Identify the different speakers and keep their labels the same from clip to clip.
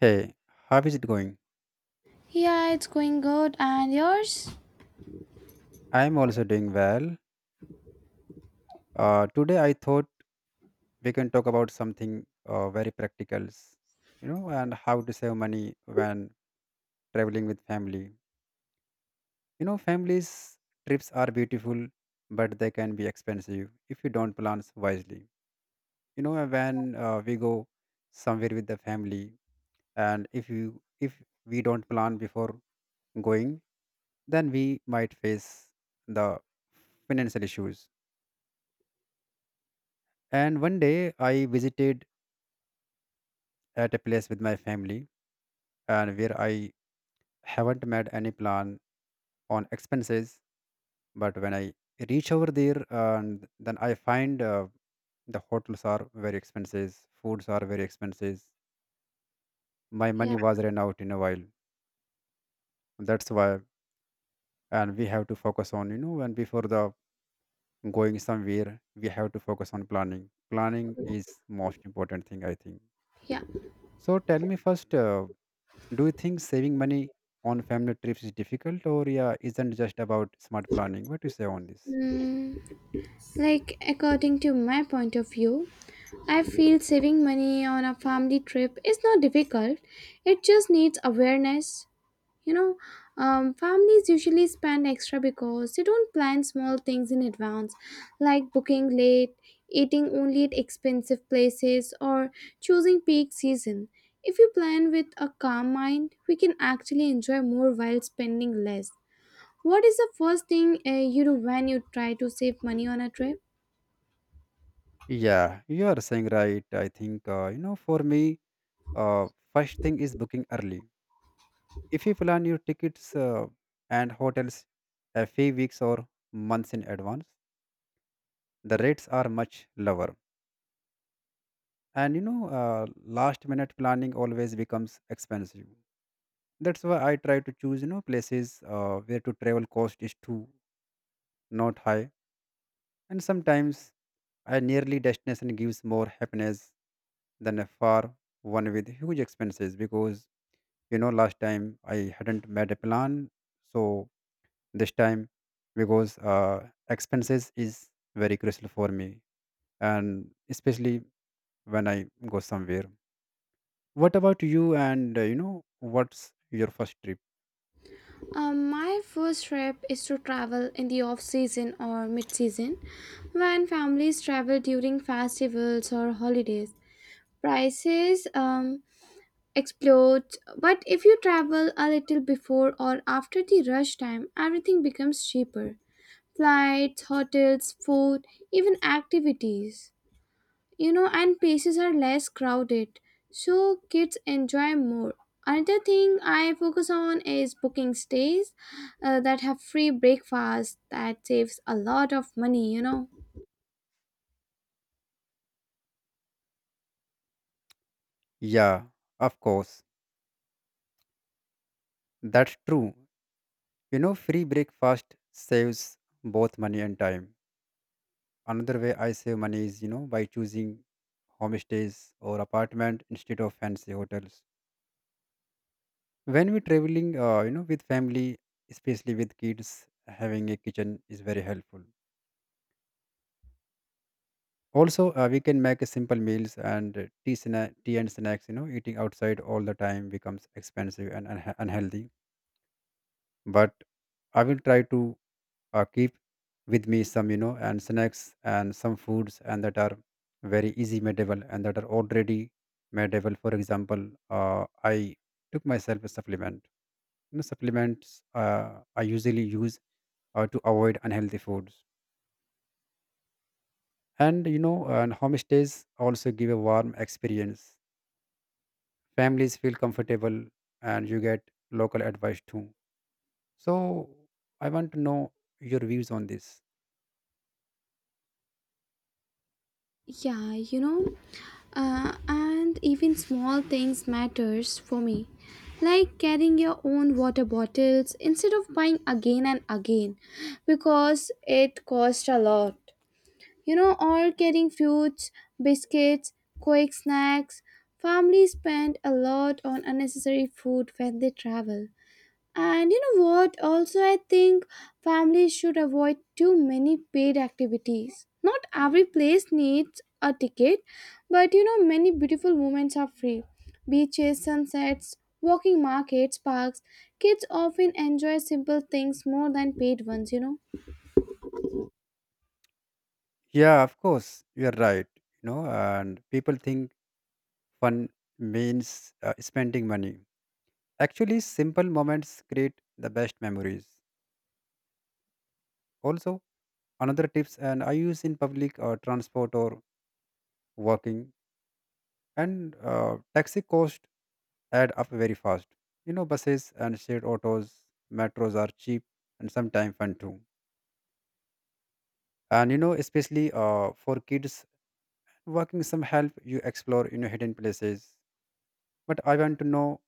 Speaker 1: Hey, how is it going?
Speaker 2: Yeah, it's going good. And yours?
Speaker 1: I'm also doing well. Today I thought we can talk about something very practical, and how to save money when traveling with family. Families trips are beautiful, but they can be expensive if you don't plan wisely. When we go somewhere with the family, and if we don't plan before going, then we might face the financial issues. And one day I visited at a place with my family and where I haven't made any plan on expenses. But when I reach over there, and then I find the hotels are very expensive, foods are very expensive. My
Speaker 2: Yeah,
Speaker 1: money was ran out in a while. That's why, and we have to focus on. And before the going somewhere, we have to focus on planning. Planning is most important thing I think.
Speaker 2: yeah.
Speaker 1: So tell me first. Do you think saving money on family trips is difficult or yeah, isn't just about smart planning? What do you say on this?
Speaker 2: Mm, according to my point of view, I feel saving money on a family trip is not difficult. It just needs awareness. You know, Families usually spend extra because they don't plan small things in advance, like booking late, eating only at expensive places, or choosing peak season. If we plan with a calm mind, we can actually enjoy more while spending less. What is the first thing you do when you try to save money on a trip?
Speaker 1: Yeah, you are saying right. I think for me, uh, first thing is booking early. If you plan your tickets and hotels a few weeks or months in advance, the rates are much lower. And last minute planning always becomes expensive. That's why I try to choose places where to travel cost is too not high, and sometimes a nearly destination gives more happiness than a far one with huge expenses because last time I hadn't made a plan, so this time because expenses is very crucial for me and especially when I go somewhere. What about you? And what's your first trip?
Speaker 2: My first trip is to travel in the off season or mid season when families travel during festivals or holidays. Prices explode, but if you travel a little before or after the rush time, everything becomes cheaper: flights, hotels, food, even activities. And places are less crowded, so kids enjoy more. Another thing I focus on is booking stays that have free breakfast. That saves a lot of money.
Speaker 1: Yeah, of course, that's true. You know, free breakfast saves both money and time. Another way I save money is, by choosing homestays or apartment instead of fancy hotels. When we're traveling, with family, especially with kids, having a kitchen is very helpful. Also, we can make simple meals and tea and snacks. Eating outside all the time becomes expensive and unhealthy. But I will try to keep with me some and snacks and some foods and that are very easy madeable and that are already madeable. For example, I took myself a supplement, supplements I usually use to avoid unhealthy foods. And and homestays also give a warm experience, families feel comfortable and you get local advice too. So I want to know your views on this.
Speaker 2: yeah you know and even small things matters for me, like carrying your own water bottles instead of buying again and again, because it costs a lot. All carrying fruits, biscuits, quick snacks. Families spend a lot on unnecessary food when they travel. And you know what? Also, I think families should avoid too many paid activities. Not every place needs a ticket, but many beautiful moments are free. Beaches, sunsets, walking markets, parks. Kids often enjoy simple things more than paid ones.
Speaker 1: Yeah, of course, you are right. And people think fun means spending money. Actually, simple moments create the best memories. Also, another tips and I use in public transport or walking, and taxi cost add up very fast. Buses and shared autos, metros are cheap and sometimes fun too. And especially for kids, walking some help you explore hidden places. But I want to know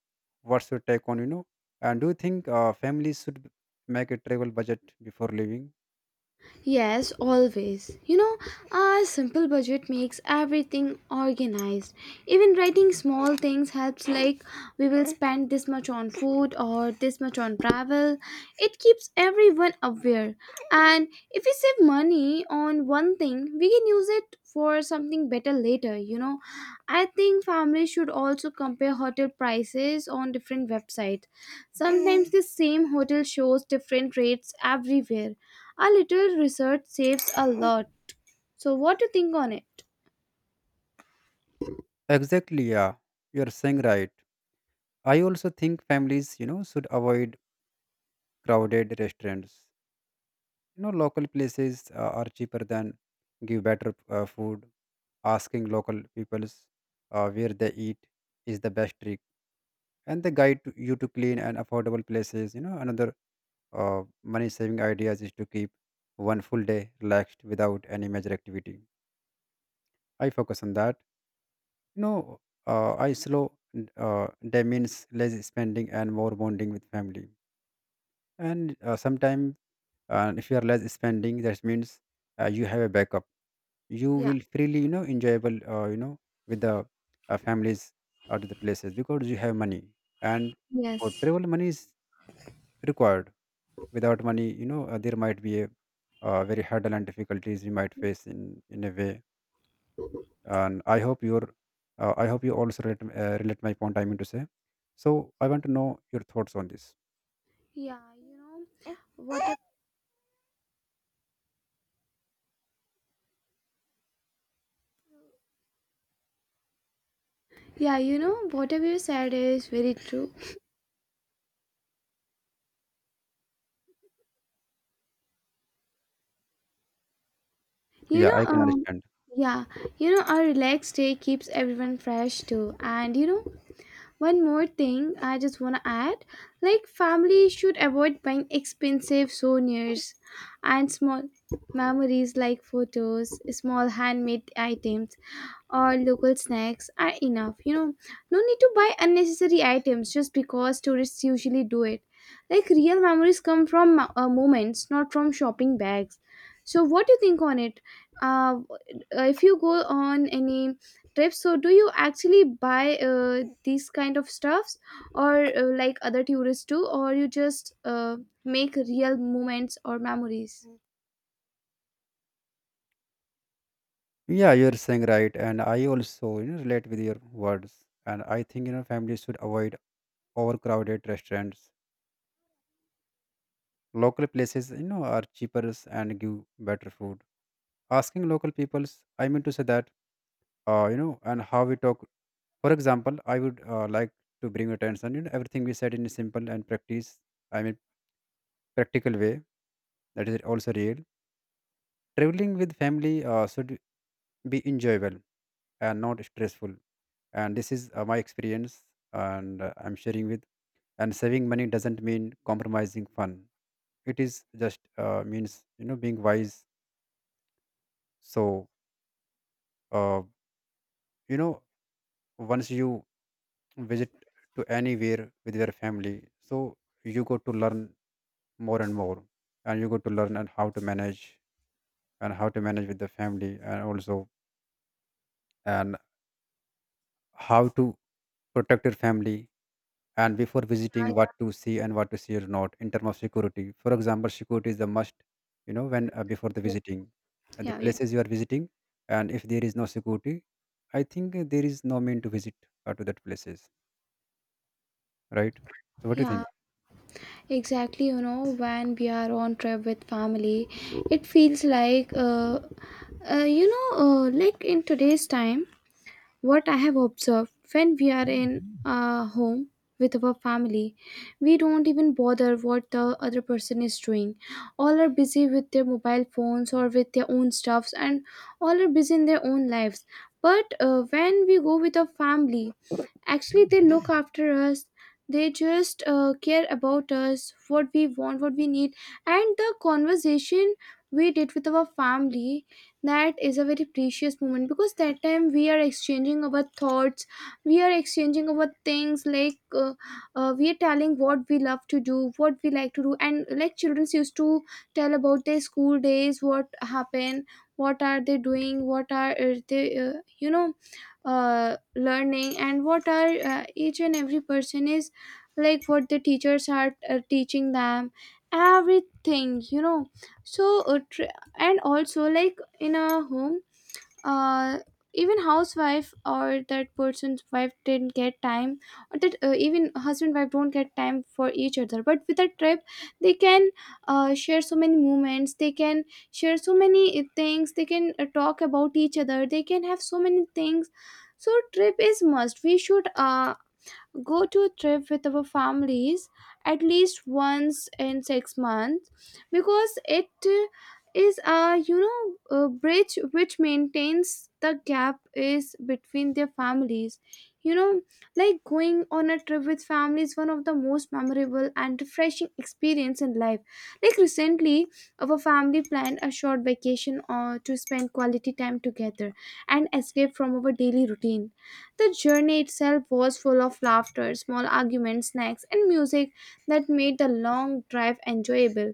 Speaker 1: what's your take on. And do you think families should make a travel budget before leaving?
Speaker 2: Yes, always. A simple budget makes everything organized. Even writing small things helps, like we will spend this much on food or this much on travel. It keeps everyone aware. And if we save money on one thing, we can use it for something better later. I think families should also compare hotel prices on different websites. Sometimes the same hotel shows different rates everywhere; a little research saves a lot. So, what do you think on it?
Speaker 1: Exactly, yeah. You're saying right. I also think families, should avoid crowded restaurants. Local places are cheaper than give better food. Asking local peoples where they eat is the best trick, and they guide to you to clean and affordable places. Another money saving ideas is to keep one full day relaxed without any major activity. I focus on that. You know, I slow day means less spending and more bonding with family. And sometimes, if you are less spending, that means you have a backup. You
Speaker 2: Yeah.
Speaker 1: will freely, enjoyable, with the families or to the places because you have money. And for
Speaker 2: Yes.
Speaker 1: travel, money is required. Without money, there might be a very hurdle and difficulties we might face in a way. And I hope you also relate my point. I mean to say. So I want to know your thoughts on this.
Speaker 2: Yeah. You know what? Yeah. Whatever you said is very true. You
Speaker 1: Yeah,
Speaker 2: know.
Speaker 1: I can
Speaker 2: Um,
Speaker 1: understand.
Speaker 2: yeah. A relaxed day keeps everyone fresh too, and one more thing I just want to add, families should avoid buying expensive souvenirs, and small memories like photos, small handmade items, or local snacks are enough. No need to buy unnecessary items just because tourists usually do it. Like, real memories come from moments, not from shopping bags. So, what do you think on it? Uh, if you go on any trips, so do you actually buy these kind of stuffs, or like other tourists do, or you just make real moments or memories?
Speaker 1: Yeah, you're saying right, and I also relate with your words. And I think families should avoid overcrowded restaurants. Local places are cheaper and give better food. Asking local peoples, I mean to say that and how we talk. For example, I would like to bring your attention. Everything we said in a simple and practice, I mean, practical way, that is also real. Traveling with family should be enjoyable and not stressful. And this is my experience, and I'm sharing with. And saving money doesn't mean compromising fun. It is just means being wise. So uh, you know once you visit to anywhere with your family, so you go to learn more and more, and you got to learn and how to manage, and how to manage with the family and also and how to protect your family, and before visiting what to see and what to see or not in terms of security. For example, security is the must, when before the visiting and the
Speaker 2: yeah yeah
Speaker 1: places you are visiting. And if there is no security, I think there is no mean to visit to that places, right? So what do you
Speaker 2: yeah
Speaker 1: think?
Speaker 2: Exactly, when we are on trip with family, it feels like like in today's time. What I have observed: when we are in a home with our family, we don't even bother what the other person is doing. All are busy with their mobile phones or with their own stuffs, and all are busy in their own lives. But when we go with a family, actually, they look after us. They just care about us, what we want, what we need. And the conversation we did with our family, that is a very precious moment, because that time we are exchanging our thoughts, we are exchanging our things, like we are telling what we love to do, what we like to do. And like children used to tell about their school days, what happened, what are they doing, what are you know, learning, and what are each and every person is, like what the teachers are teaching them, everything. So and also, like in a home, uh, even housewife or that person's wife didn't get time, or that even husband wife don't get time for each other, but with a trip they can share so many moments, they can share so many things, they can talk about each other, they can have so many things. So trip is must. We should go to a trip with our families at least once in 6 months, because it uh, is a a bridge which maintains the gap is between their families you know like, going on a trip with family is one of the most memorable and refreshing experience in life. Like recently, our family planned a short vacation or to spend quality time together and escape from our daily routine. The journey itself was full of laughter, small arguments, snacks, and music that made the long drive enjoyable.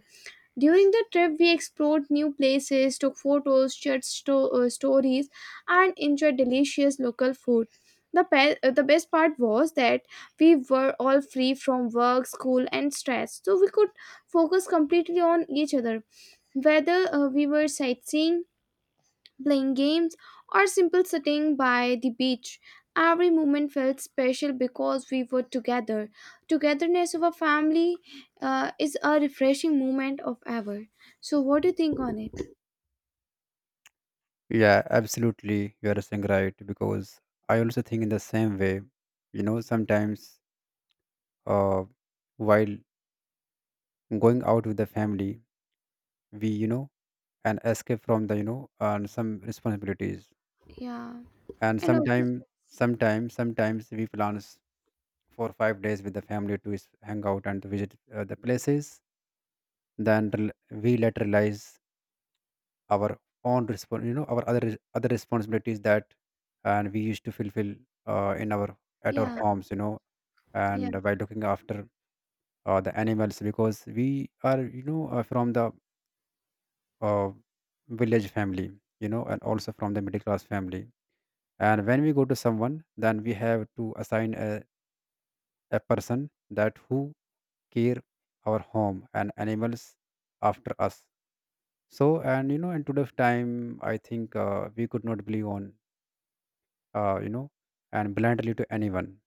Speaker 2: During the trip, we explored new places, took photos, shared stories, and enjoyed delicious local food. The best part was that we were all free from work, school, and stress, so we could focus completely on each other. Whether we were sightseeing, playing games, or simple sitting by the beach. Every moment felt special because we were together. Togetherness of a family is a refreshing moment of ever. So, what do you think on it?
Speaker 1: Yeah, absolutely, you are saying right, because I also think in the same way. Sometimes uh, while going out with the family, we and escape from the and some responsibilities.
Speaker 2: Yeah,
Speaker 1: And
Speaker 2: and also,
Speaker 1: sometimes we plans for 5 days with the family to hang out and to visit the places. Then we later realize our own respon you know our other other responsibilities that, and we used to fulfill in our at our
Speaker 2: yeah,
Speaker 1: homes.
Speaker 2: yeah,
Speaker 1: And by looking after the animals, because we are from the uh, village family, and also from the middle class family. And when we go to someone, then we have to assign a person that who care our home and animals after us. So, and in today's time, I think we could not believe on, uh, you know, and blindly to anyone,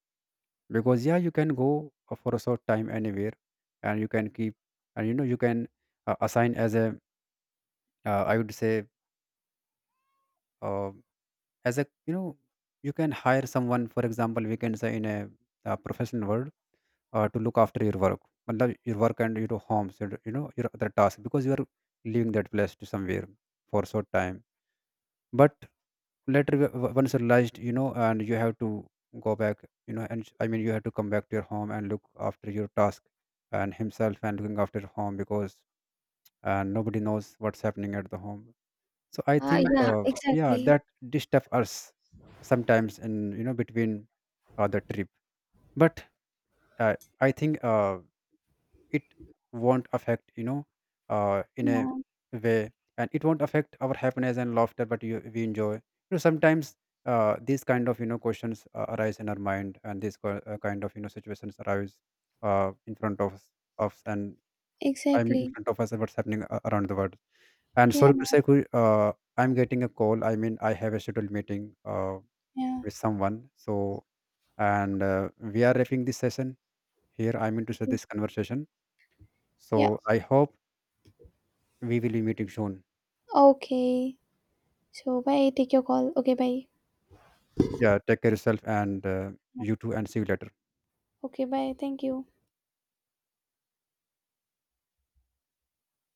Speaker 1: because yeah, you can go for a short time anywhere, and you can keep, and you can assign as a, I would say uh, as a, you can hire someone, for example, we can say in a professional world to look after your work, matlab your work and your homes, and your other tasks, because you are leaving that place to somewhere for a short time. But later, once you realized, and you have to go back, and I mean, you have to come back to your home and look after your task and himself, and looking after home, because and nobody knows what's happening at the home. So I think
Speaker 2: yeah,
Speaker 1: yeah,
Speaker 2: exactly,
Speaker 1: that disturb us sometimes in, between the trip. But I think it won't affect, in a
Speaker 2: yeah,
Speaker 1: way, and it won't affect our happiness and laughter, but we enjoy, sometimes these kind of questions arise in our mind, and these kind of situations arise in front of us, and, I mean, in
Speaker 2: exactly,
Speaker 1: front of us, and what's happening around the world. And
Speaker 2: yeah,
Speaker 1: sorry to say, Kuri, I'm getting a call. I mean, I have a scheduled meeting
Speaker 2: yeah,
Speaker 1: with someone. So, and we are wrapping this session here. I mean to say
Speaker 2: yeah.
Speaker 1: this conversation.
Speaker 2: Yeah.
Speaker 1: So, I hope we will be meeting soon.
Speaker 2: Okay, so bye. Take your call. Okay, bye.
Speaker 1: Yeah, take care yourself and you too, and see you later.
Speaker 2: Okay, bye. Thank you.